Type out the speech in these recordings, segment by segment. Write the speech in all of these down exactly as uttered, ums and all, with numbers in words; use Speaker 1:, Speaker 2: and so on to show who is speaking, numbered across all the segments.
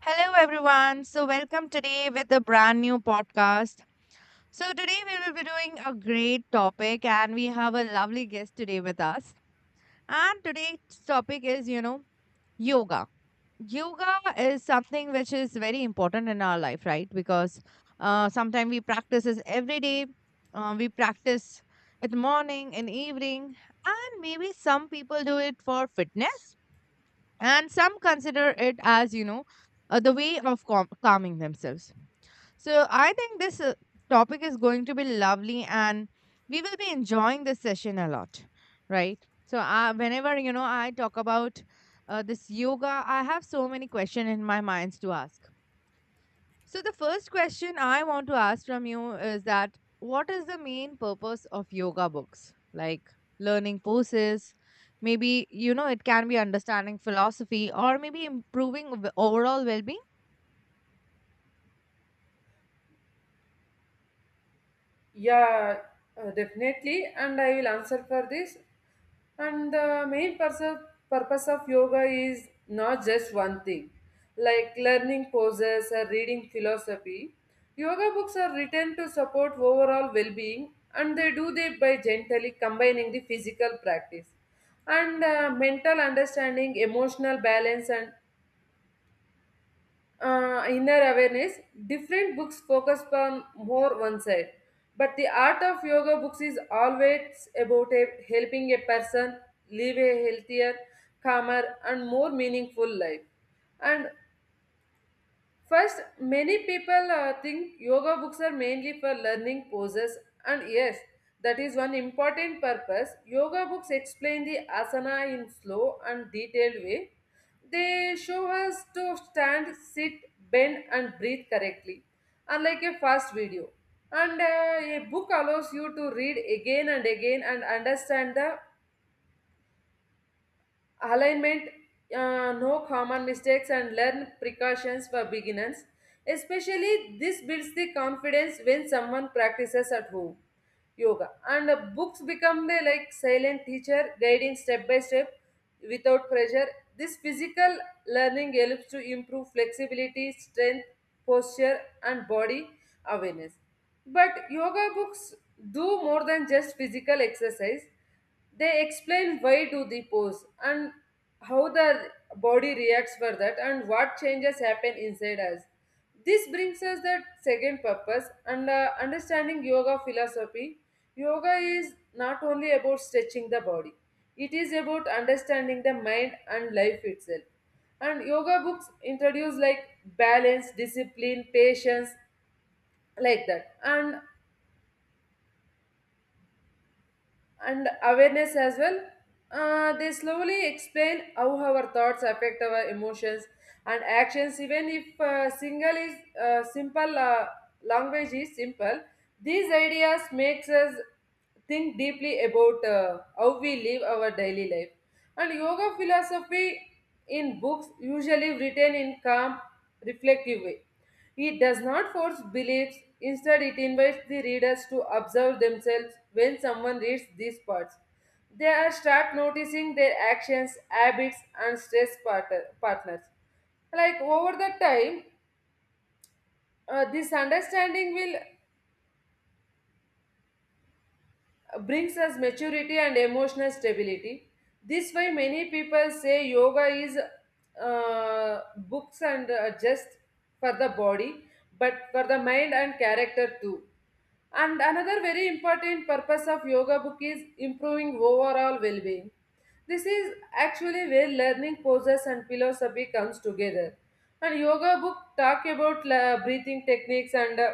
Speaker 1: Hello, everyone. So, welcome today with a brand new podcast. So, today we will be doing a great topic, and we have a lovely guest today with us. And today's topic is, you know, yoga. Yoga is something which is very important in our life, right? Because uh, sometimes we practice this every day. Uh, we practice in the morning and evening, and maybe some people do it for fitness, and some consider it as, you know, uh, the way of calm- calming themselves. So I think this uh, topic is going to be lovely and we will be enjoying this session a lot, right? So uh, whenever, you know, I talk about uh, this yoga, I have so many questions in my minds to ask. So the first question I want to ask from you is that what is the main purpose of yoga books? Like learning poses, maybe, you know, it can be understanding philosophy or maybe improving v- overall well-being.
Speaker 2: Yeah, uh, definitely. And I will answer for this. And the main purpose, purpose of yoga is not just one thing, like learning poses or reading philosophy. Yoga books are written to support overall well being, and they do that by gently combining the physical practice and uh, mental understanding, emotional balance, and uh, inner awareness. Different books focus on more one side. But the art of yoga books is always about a- helping a person live a healthier, calmer, and more meaningful life. And First, many people uh, think yoga books are mainly for learning poses, and yes, that is one important purpose. Yoga books explain the asana in slow and detailed way. They show us to stand, sit, bend, and breathe correctly, unlike a fast video. And uh, a book allows you to read again and again and understand the alignment, uh, no common mistakes, and learn precautions for beginners. Especially, this builds the confidence when someone practices at home yoga. And uh, books become the like silent teacher, guiding step by step without pressure. This physical learning helps to improve flexibility, strength, posture, and body awareness. But yoga books do more than just physical exercise. They explain why do the pose and how the body reacts for that and what changes happen inside us. This brings us the second purpose, and uh, understanding yoga philosophy. Yoga is not only about stretching the body, it is about understanding the mind and life itself. And yoga books introduce like balance, discipline, patience, like that, and and awareness as well. Uh, they slowly explain how our thoughts affect our emotions and actions. Even if uh, single is uh, simple, uh, language is simple. These ideas makes us think deeply about uh, how we live our daily life. And yoga philosophy in books usually written in calm, reflective way. It does not force beliefs, instead, it invites the readers to observe themselves when someone reads these parts. They are start noticing their actions, habits, and stress part- partners. Like over the time, uh, this understanding will brings us maturity and emotional stability. This why many people say yoga is uh, books and uh, just for the body, but for the mind and character too. And another very important purpose of yoga book is improving overall well-being. This is actually where learning poses and philosophy comes together. And yoga book talk about uh, breathing techniques and uh,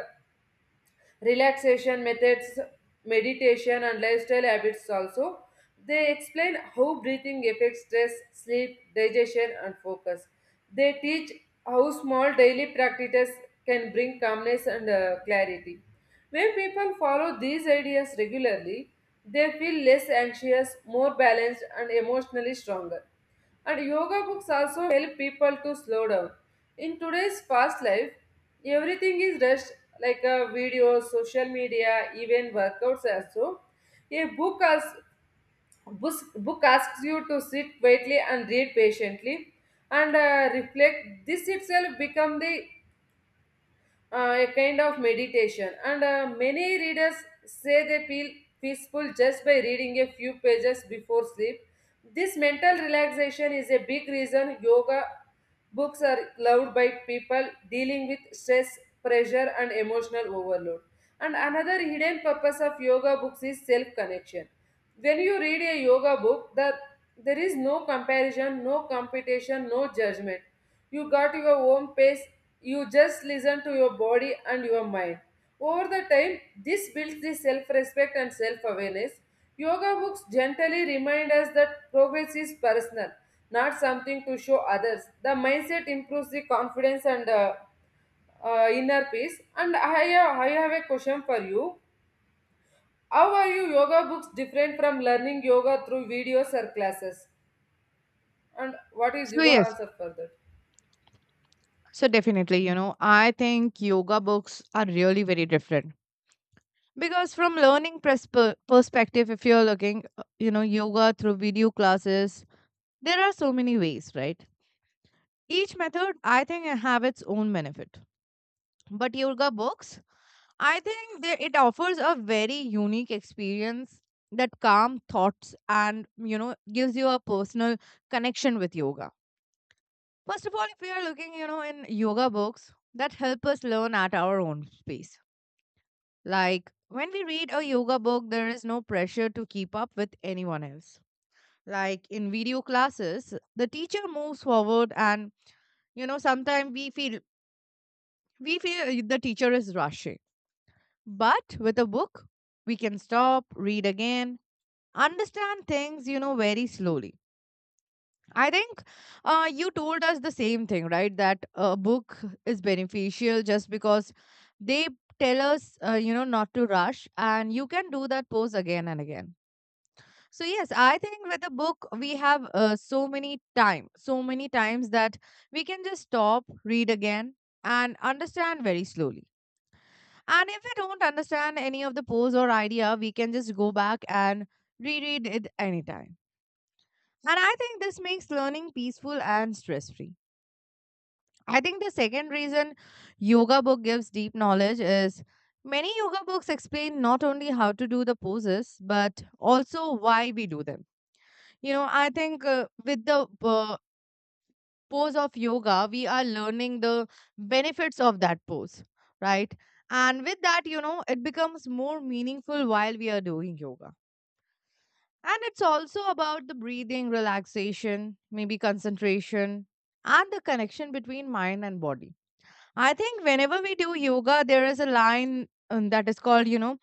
Speaker 2: relaxation methods, meditation, and lifestyle habits also. They explain how breathing affects stress, sleep, digestion, and focus. They teach how small daily practices can bring calmness and uh, clarity. When people follow these ideas regularly, they feel less anxious, more balanced, and emotionally stronger. And yoga books also help people to slow down. In today's fast life, everything is rushed like a video, social media, even workouts also. A book asks, book asks you to sit quietly and read patiently and uh, reflect. This itself become the uh, a kind of meditation, and uh, many readers say they feel peaceful just by reading a few pages before sleep. This mental relaxation is a big reason yoga books are loved by people dealing with stress, pressure, and emotional overload. And another hidden purpose of yoga books is self connection. When you read a yoga book, that there is no comparison, no competition, no judgment. You got your own pace, you just listen to your body and your mind. Over the time, this builds the self respect and self awareness. Yoga books gently remind us that progress is personal, not something to show others. The mindset improves the confidence and uh, uh, inner peace. And I have, I have a question for you. How are you yoga books different from learning yoga through videos or classes? And what is
Speaker 1: So
Speaker 2: your
Speaker 1: yes.
Speaker 2: answer for that?
Speaker 1: So definitely, you know, I think yoga books are really very different because from learning persp- perspective, if you're looking, uh, you know, yoga through video classes, there are so many ways, right? Each method, I think, have its own benefit. But yoga books, I think they, it offers a very unique experience that calm thoughts and you know gives you a personal connection with yoga. First of all, if we are looking, you know, in yoga books that help us learn at our own pace. Like when we read a yoga book, there is no pressure to keep up with anyone else. Like in video classes, the teacher moves forward, and you know sometimes we feel we feel uh, the teacher is rushing. But with a book, we can stop, read again, understand things you know very slowly. I think uh, you told us the same thing, right? That a book is beneficial just because they tell us, uh, you know, not to rush, and you can do that pose again and again. So yes, I think with a book we have uh, so many time, so many times that we can just stop, read again, and understand very slowly. And if we don't understand any of the pose or idea, we can just go back and reread it anytime. And I think this makes learning peaceful and stress free. I think the second reason yoga book gives deep knowledge is many yoga books explain not only how to do the poses but also why we do them. You know, I think uh, with the uh, pose of yoga, we are learning the benefits of that pose, right? And with that, you know, it becomes more meaningful while we are doing yoga. And it's also about the breathing, relaxation, maybe concentration, and the connection between mind and body. I think whenever we do yoga, there is a line um, that is called, you know,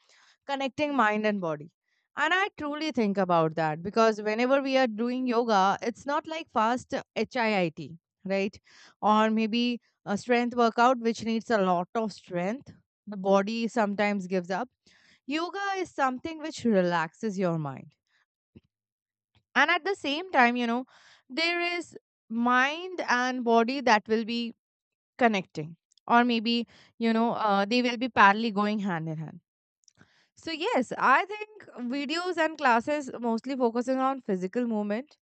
Speaker 1: connecting mind and body. And I truly think about that because whenever we are doing yoga, it's not like fast HIIT, right? Or maybe a strength workout, which needs a lot of strength. The body sometimes gives up. Yoga is something which relaxes your mind. And at the same time, you know, there is mind and body that will be connecting, or maybe, you know, uh, they will be parallelly going hand in hand. So yes, I think videos and classes mostly focusing on physical movement,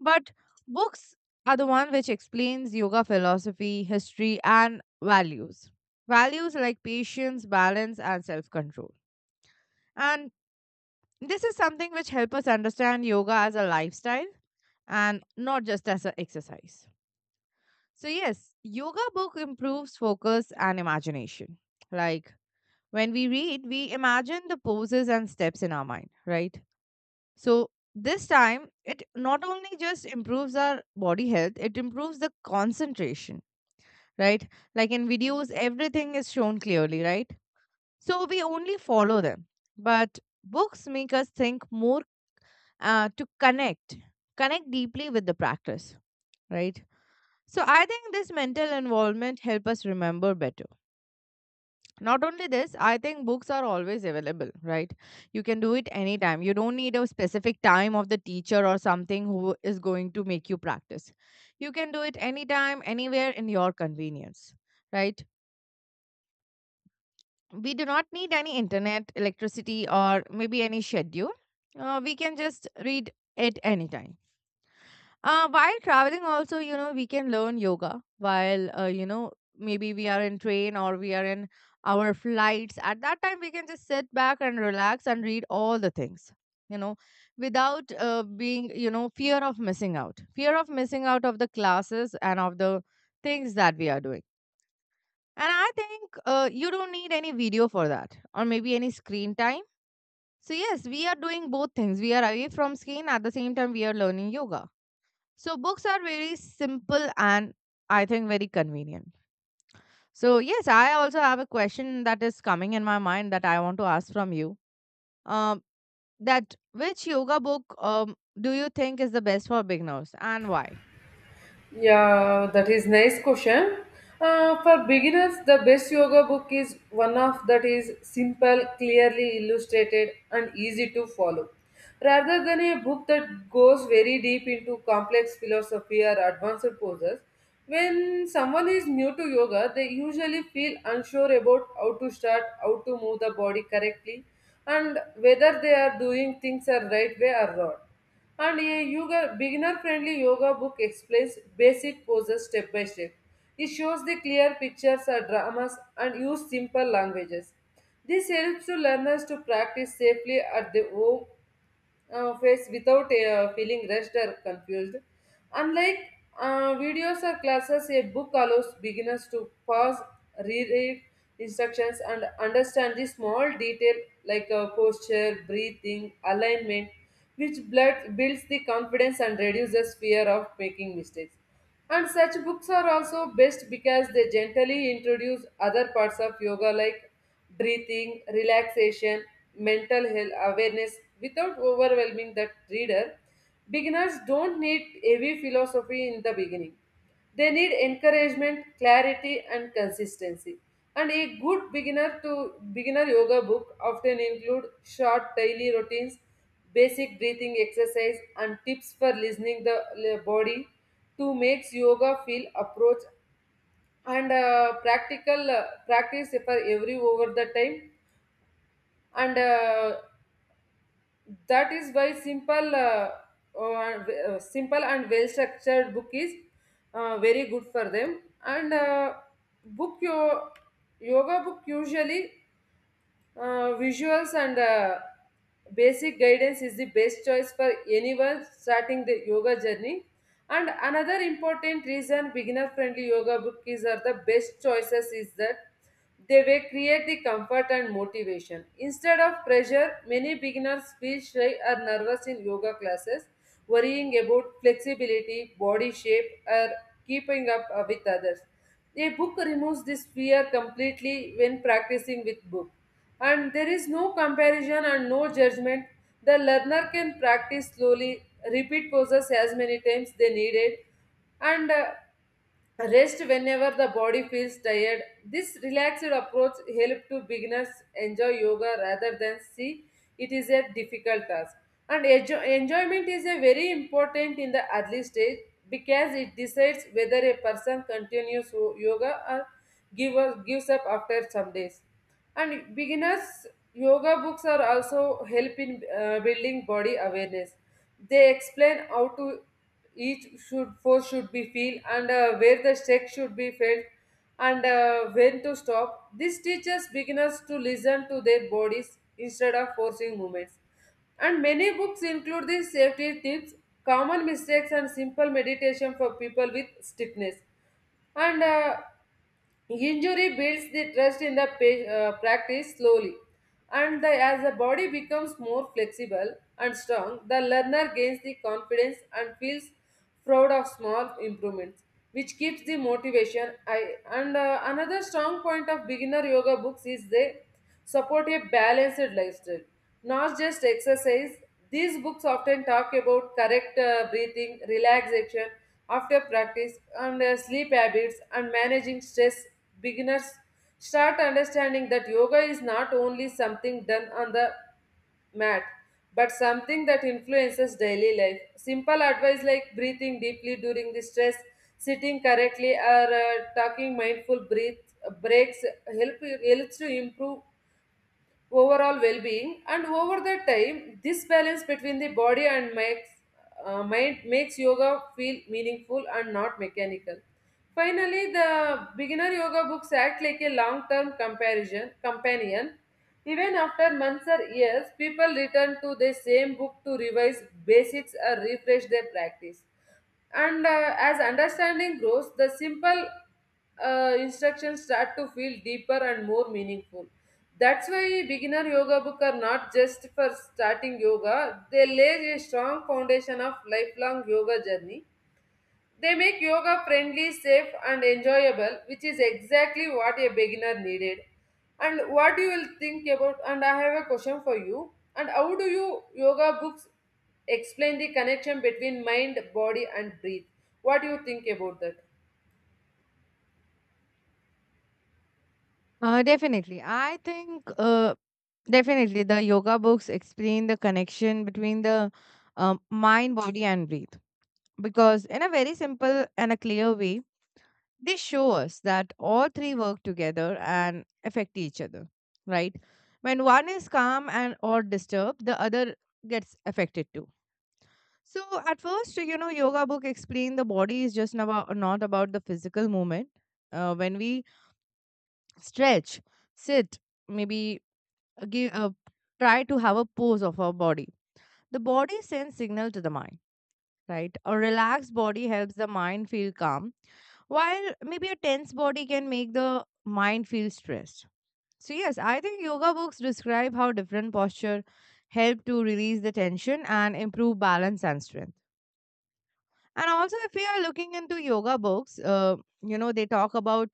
Speaker 1: but books are the one which explains yoga philosophy, history and values. Values like patience, balance and self-control. And this is something which help us understand yoga as a lifestyle and not just as an exercise. So, yes, yoga book improves focus and imagination. Like when we read, we imagine the poses and steps in our mind, right? So this time, it not only just improves our body health, it improves the concentration, right? Like in videos, everything is shown clearly, right? So we only follow them. But books make us think more uh, to connect, connect deeply with the practice, right? So I think this mental involvement help us remember better. Not only this, I think books are always available, right? You can do it anytime, you don't need a specific time of the teacher or something who is going to make you practice. You can do it anytime anywhere in your convenience, right? We do not need any internet electricity or maybe any schedule. Uh, we can just read it time. Uh, while traveling, also, you know, we can learn yoga while, uh, you know, maybe we are in train or we are in our flights. At that time, we can just sit back and relax and read all the things, you know, without uh, being, you know, fear of missing out, fear of missing out of the classes and of the things that we are doing. And I think uh, you don't need any video for that or maybe any screen time. So, yes, we are doing both things. We are away from screen at the same time, we are learning yoga. So books are very simple and I think very convenient. So yes, I also have a question that is coming in my mind that I want to ask from you. Um, that which yoga book um do you think is the best for beginners and why?
Speaker 2: Yeah, that is nice question. Uh, for beginners, the best yoga book is one of that is simple, clearly illustrated, and easy to follow. Rather than a book that goes very deep into complex philosophy or advanced poses, when someone is new to yoga, they usually feel unsure about how to start, how to move the body correctly, and whether they are doing things are right way or not. And a yoga beginner friendly yoga book explains basic poses step by step. It shows the clear pictures or dramas and use simple languages. This helps to learners to practice safely at their home uh, face without uh, feeling rushed or confused. Unlike uh, videos or classes, a book allows beginners to pause, reread instructions, and understand the small detail like uh, posture, breathing, alignment, which blood builds the confidence and reduces fear of making mistakes. And such books are also best because they gently introduce other parts of yoga like breathing, relaxation, mental health awareness without overwhelming the reader. Beginners don't need heavy philosophy in the beginning. They need encouragement, clarity, and consistency. And a good beginner to beginner yoga book often include short daily routines, basic breathing exercise, and tips for listening the le- body to makes yoga feel approach and uh, practical uh, practice for every over the time. And uh, that is why simple uh, uh, simple and well structured book is uh, very good for them. And uh, book your yoga book usually Uh, visuals and uh, basic guidance is the best choice for anyone starting the yoga journey. And another important reason beginner friendly yoga books are the best choices is that they will create the comfort and motivation. Instead of pressure, many beginners feel shy or nervous in yoga classes, worrying about flexibility, body shape, or keeping up uh, with others. A book removes this fear completely. When practicing with book, and there is no comparison and no judgment. The learner can practice slowly, repeat poses as many times they needed, and uh, rest whenever the body feels tired. This relaxed approach helps to beginners enjoy yoga rather than see it is a difficult task. And enjo- enjoyment is a very important in the early stage, because it decides whether a person continues yo- yoga or give, gives up after some days. And beginners yoga books are also help in uh, building body awareness. They explain how to each should force should be feel and uh, where the stretch should be felt and uh, when to stop. This teaches beginners to listen to their bodies instead of forcing movements. And many books include these safety tips, common mistakes, and simple meditation for people with stiffness and uh, injury. Builds the trust in the pa- uh, practice slowly, and the, as the body becomes more flexible and strong, the learner gains the confidence and feels proud of small improvements, which keeps the motivation. I, and uh, another strong point of beginner yoga books is they support a balanced lifestyle, not just exercise. These books often talk about correct uh, breathing, relaxation after practice, and uh, sleep habits and managing stress. Beginners start understanding that yoga is not only something done on the mat, but something that influences daily life. Simple advice like breathing deeply during the stress, sitting correctly, or uh, talking mindful breath breaks help helps to improve overall well-being. And over the time, this balance between the body and makes uh, mind makes yoga feel meaningful and not mechanical. Finally, the beginner yoga books act like a long-term comparison companion. Even after months or years, people return to the same book to revise basics or refresh their practice. And uh, as understanding grows, the simple uh, instructions start to feel deeper and more meaningful. That's why beginner yoga book are not just for starting yoga, they lay a strong foundation of lifelong yoga journey. They make yoga friendly, safe, and enjoyable, which is exactly what a beginner needed. And what you will think about, and I have a question for you. And how do you yoga books explain the connection between mind, body, and breath? What do you think about that?
Speaker 1: Uh, definitely. I think uh, definitely the yoga books explain the connection between the um, mind, body, and breath because in a very simple and a clear way. This shows that all three work together and affect each other, right? When one is calm and or disturbed, the other gets affected too. So at first, you know, yoga book explain the body is just about, not about the physical movement. Uh, when we stretch, sit, maybe give uh, try to have a pose of our body. The body sends signal to the mind, right? A relaxed body helps the mind feel calm while maybe a tense body can make the mind feel stressed. So, yes, I think yoga books describe how different posture help to release the tension and improve balance and strength. And also, if we are looking into yoga books, uh, you know, they talk about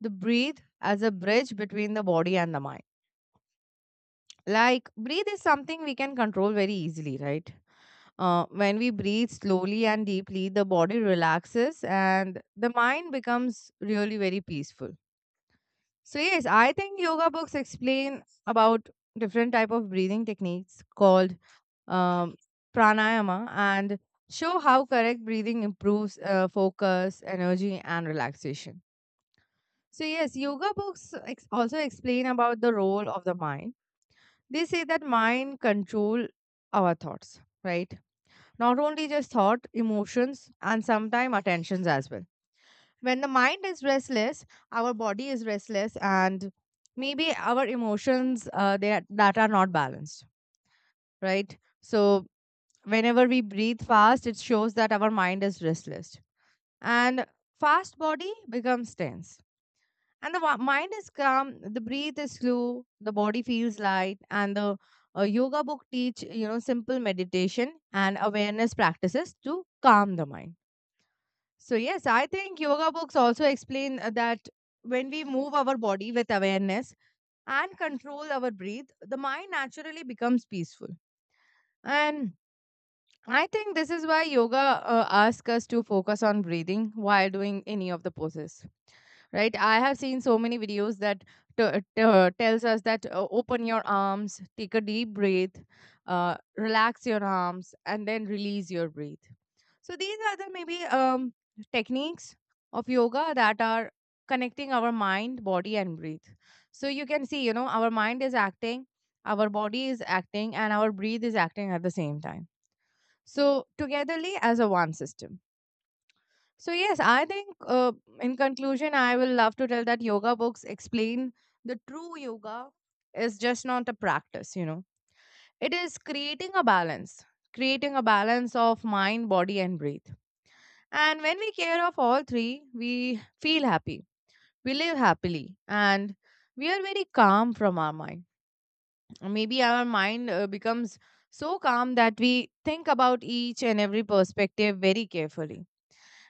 Speaker 1: the breathe as a bridge between the body and the mind. Like, breathe is something we can control very easily, right? Uh, when we breathe slowly and deeply, the body relaxes and the mind becomes really very peaceful. So yes, I think yoga books explain about different type of breathing techniques called um, pranayama and show how correct breathing improves uh, focus, energy, and relaxation. So yes, yoga books ex- also explain about the role of the mind. They say that mind control our thoughts, right? Not only just thought, emotions, and sometimes attentions as well. When the mind is restless our body is restless and maybe our emotions uh, they are, that are not balanced, right? So whenever we breathe fast it shows that our mind is restless and fast body becomes tense. And the wa- mind is calm, the breath is slow, the body feels light, and the uh, yoga book teach you know simple meditation and awareness practices to calm the mind. So, yes, I think yoga books also explain uh, that when we move our body with awareness and control our breath, the mind naturally becomes peaceful. And I think this is why yoga uh, asks us to focus on breathing while doing any of the poses, right? I have seen so many videos that t- uh, t- uh, tells us that uh, open your arms, take a deep breath, uh, relax your arms, and then release your breath. So these are the maybe um, techniques of yoga that are connecting our mind, body, and breath. So you can see, you know, our mind is acting, our body is acting, and our breath is acting at the same time. So togetherly as a one system. So yes, I think uh, in conclusion, I will love to tell that yoga books explain the true yoga is just not a practice. You know, it is creating a balance, creating a balance of mind, body, and breath. And when we care of all three, we feel happy. We live happily and we are very calm from our mind. Maybe our mind uh, becomes so calm that we think about each and every perspective very carefully.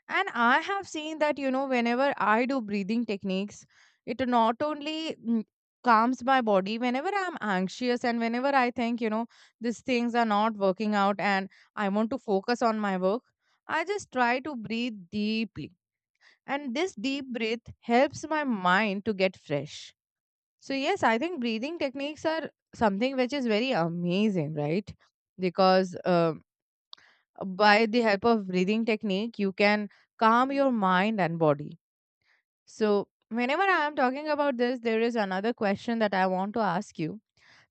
Speaker 1: And I have seen that, you know, whenever I do breathing techniques, it not only mm, calms my body, whenever I'm anxious and whenever I think, you know, these things are not working out and I want to focus on my work, I just try to breathe deeply, and this deep breath helps my mind to get fresh. So yes, I think breathing techniques are something which is very amazing, right? Because uh, by the help of breathing technique you can calm your mind and body. So whenever I am talking about this, there is another question that I want to ask you: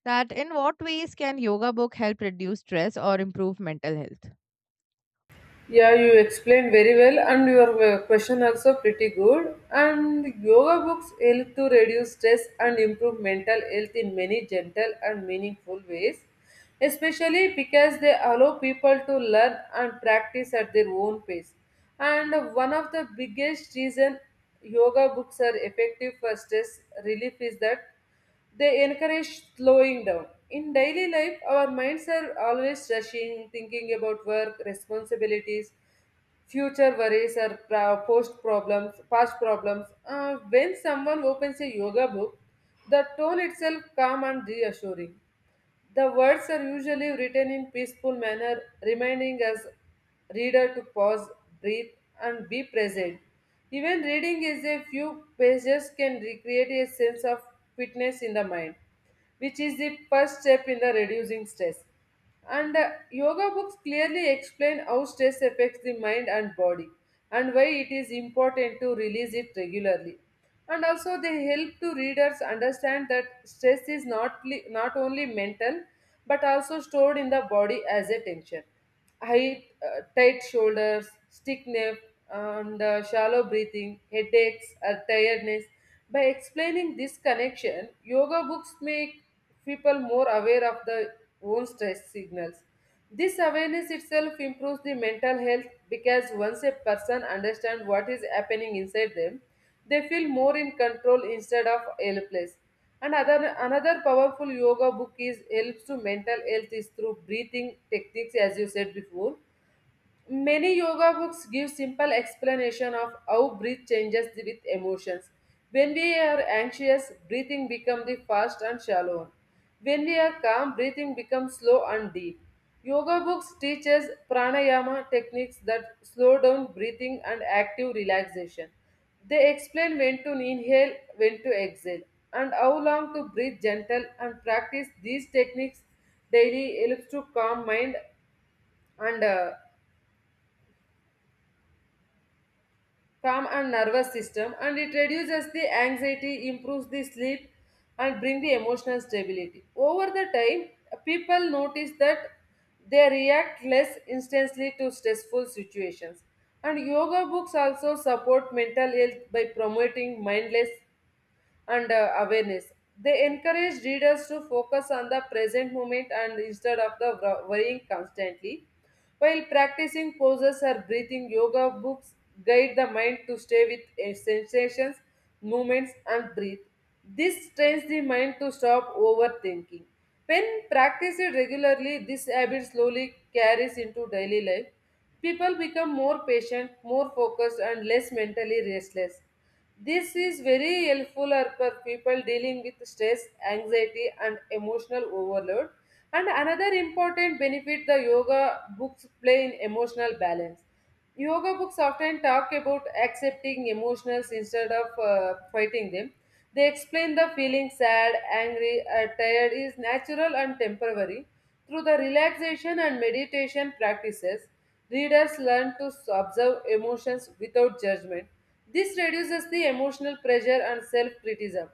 Speaker 1: that in what ways can yoga book help reduce stress or improve mental health?
Speaker 2: Yeah, you explained very well, and your uh, question also pretty good. And yoga books help to reduce stress and improve mental health in many gentle and meaningful ways, especially because they allow people to learn and practice at their own pace. And one of the biggest reason yoga books are effective for stress relief is that they encourage slowing down. In daily life, our minds are always rushing, thinking about work, responsibilities, future worries, or pro- post problems, past problems. Uh, when someone opens a yoga book, the tone itself calm and reassuring. The words are usually written in peaceful manner, reminding us reader to pause, breathe, and be present. Even reading is a few pages can recreate a sense of fitness in the mind, which is the first step in the reducing stress. And uh, yoga books clearly explain how stress affects the mind and body and why it is important to release it regularly. And also, they help to readers understand that stress is not, li- not only mental but also stored in the body as a tension. High, uh, tight shoulders, stiff neck, and uh, shallow breathing, headaches, or tiredness. By explaining this connection, yoga books make people more aware of their own stress signals. This awareness itself improves the mental health because once a person understands what is happening inside them, they feel more in control instead of helpless. And other, another powerful yoga book is helps to mental health is through breathing techniques, as you said before. Many yoga books give simple explanation of how breath changes with emotions. When we are anxious, breathing becomes the fast and shallow one. When we are calm, breathing becomes slow and deep. Yoga books teaches pranayama techniques that slow down breathing and active relaxation. They explain when to inhale, when to exhale, and how long to breathe gentle and practice these techniques daily helps to calm mind and uh, calm and nervous system, and it reduces the anxiety, improves the sleep, and bring the emotional stability. Over the time, people notice that they react less instantly to stressful situations. And yoga books also support mental health by promoting mindless and uh, awareness. They encourage readers to focus on the present moment and instead of the wor- worrying constantly. While practicing poses or breathing, yoga books guide the mind to stay with uh, sensations, movements, and breathe. This trains the mind to stop overthinking. When practiced regularly, this habit slowly carries into daily life. People become more patient, more focused, and less mentally restless. This is very helpful for people dealing with stress, anxiety, and emotional overload. And another important benefit the yoga books play in emotional balance. Yoga books often talk about accepting emotions instead of uh, fighting them. They explain the feeling sad, angry, or tired is natural and temporary. Through the relaxation and meditation practices, readers learn to observe emotions without judgment. This reduces the emotional pressure and self criticism,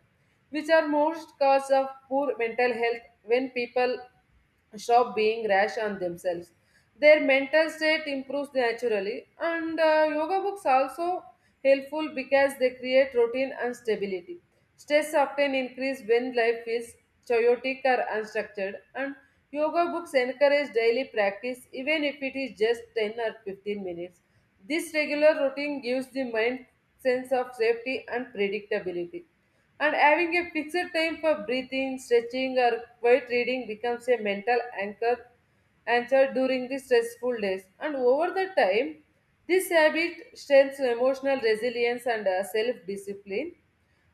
Speaker 2: which are most cause of poor mental health. When people stop being rash on themselves, their mental state improves naturally, and uh, yoga books also helpful because they create routine and stability. Stress often increases when life is chaotic or unstructured, and yoga books encourage daily practice even if it is just ten or fifteen minutes. This regular routine gives the mind sense of safety and predictability. And having a fixed time for breathing, stretching, or quiet reading becomes a mental anchor anchor during the stressful days. And over the time, this habit strengthens emotional resilience and self discipline.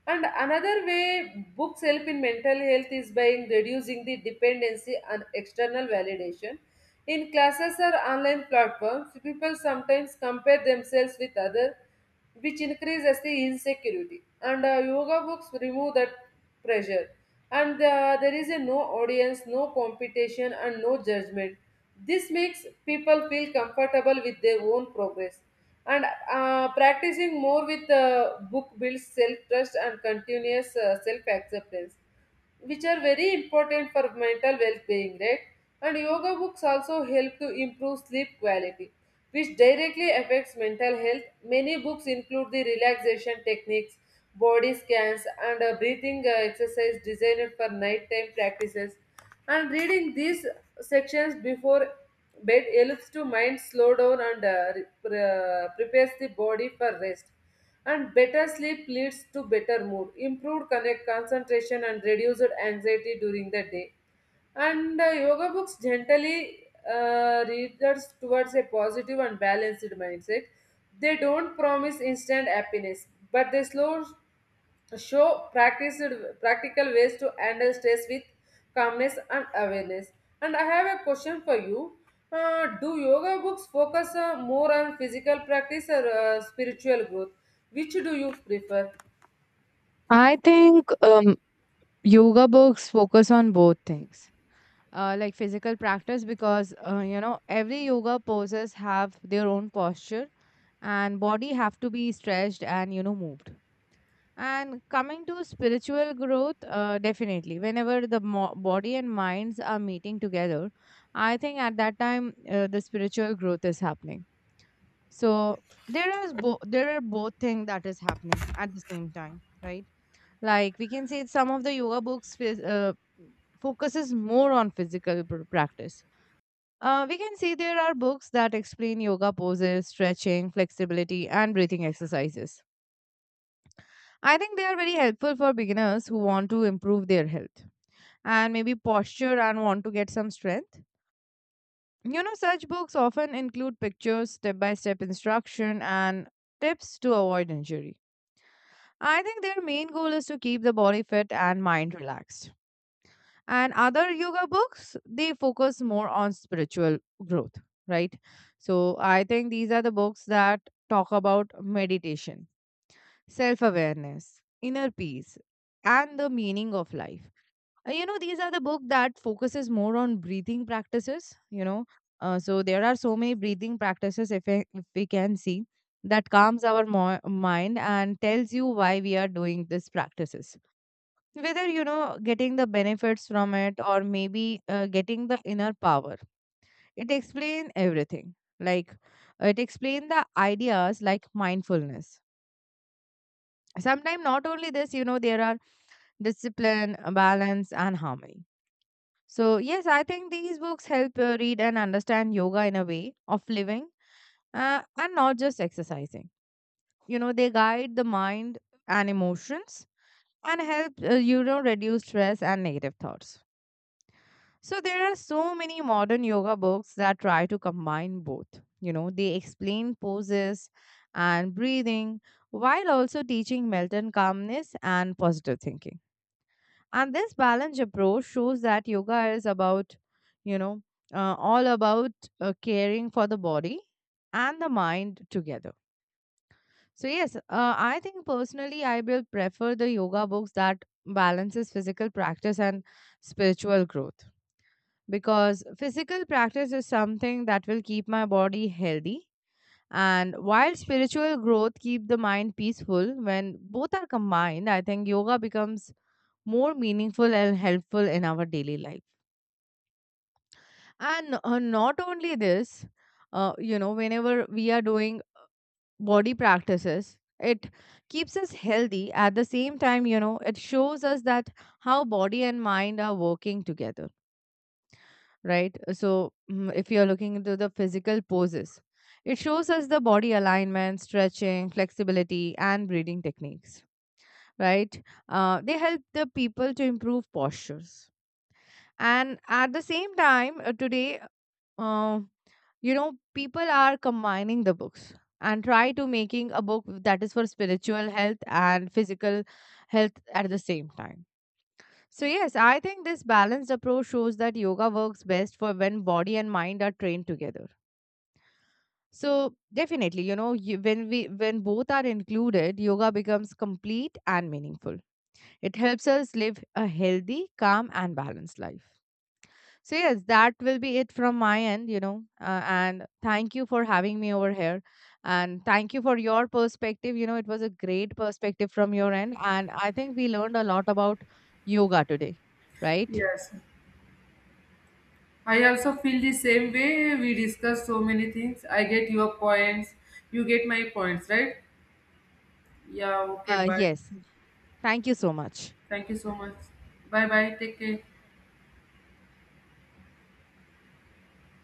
Speaker 2: And another way books help in mental health is by in reducing the dependency on external validation. In classes or online platforms, people sometimes compare themselves with others, which increases the insecurity. And uh, yoga books remove that pressure. And uh, there is a no audience, no competition, and no judgment. This makes people feel comfortable with their own progress, and uh, practicing more with uh, book builds self trust and continuous uh, self acceptance, which are very important for mental well being, right? And yoga books also help to improve sleep quality, which directly affects mental health. Many books include the relaxation techniques, body scans, and a breathing uh, exercise designed for nighttime practices. And reading these sections before bed helps to mind slow down and uh, re- pre- uh, prepares the body for rest. And better sleep leads to better mood, improved connect concentration, and reduced anxiety during the day. And uh, yoga books gently uh, readers towards a positive and balanced mindset. They don't promise instant happiness, but they slow show practiced, practical ways to handle stress with calmness and awareness. And I have a question for you. Uh, do yoga books focus uh, more on physical practice or uh, spiritual growth? Which do you prefer?
Speaker 1: I think um, yoga books focus on both things, uh, like physical practice, because, uh, you know, every yoga poses have their own posture and body have to be stretched and, you know, moved. And coming to spiritual growth, uh, definitely, whenever the mo- body and minds are meeting together, I think at that time uh, the spiritual growth is happening. So there is bo- there are both things that is happening at the same time, right? Like we can say some of the yoga books phys- uh, focuses more on physical pr- practice. Uh, we can see there are books that explain yoga poses, stretching, flexibility, and breathing exercises. I think they are very helpful for beginners who want to improve their health and maybe posture and want to get some strength. You know, such books often include pictures, step by step instruction, and tips to avoid injury. I think their main goal is to keep the body fit and mind relaxed. And other yoga books, they focus more on spiritual growth, right? So I think these are the books that talk about meditation, self awareness, inner peace, and the meaning of life. Uh, you know, these are the book that focuses more on breathing practices, you know. Uh, so there are so many breathing practices, if, I, if we can see, that calms our mo- mind and tells you why we are doing these practices, whether, you know, getting the benefits from it or maybe uh, getting the inner power. It explains everything, like it explains the ideas like mindfulness. Sometimes not only this, you know, there are discipline, balance, and harmony. So, yes, I think these books help uh, read and understand yoga in a way of living, uh, and not just exercising. You know, they guide the mind and emotions and help, uh, you know, reduce stress and negative thoughts. So, there are so many modern yoga books that try to combine both. You know, they explain poses and breathing while also teaching mental calmness and positive thinking. And this balanced approach shows that yoga is about, you know, uh, all about, uh, caring for the body and the mind together. So yes, uh, I think personally I will prefer the yoga books that balances physical practice and spiritual growth, because physical practice is something that will keep my body healthy, and while spiritual growth keep the mind peaceful, when both are combined, I think yoga becomes more meaningful and helpful in our daily life. And uh, not only this, uh, you know, whenever we are doing body practices, it keeps us healthy. At the same time, you know, it shows us that how body and mind are working together, right? So, mm, if you're looking into the physical poses, it shows us the body alignment, stretching, flexibility, and breathing techniques, right? Uh, they help the people to improve postures. And at the same time, uh, today, uh, you know, people are combining the books and try to making a book that is for spiritual health and physical health at the same time. So, yes, I think this balanced approach shows that yoga works best for when body and mind are trained together. So, definitely, you know, you, when we when both are included, yoga becomes complete and meaningful. It helps us live a healthy, calm, and balanced life. So, yes, that will be it from my end, you know. Uh, and thank you for having me over here. And thank you for your perspective. You know, it was a great perspective from your end. And I think we learned a lot about yoga today, right?
Speaker 2: Yes, I also feel the same way. We discuss so many things. I get your points. You get my points, right? Yeah, okay,
Speaker 1: Uh,
Speaker 2: bye.
Speaker 1: yes. Thank you so much.
Speaker 2: Thank you so much. Bye bye. Take care.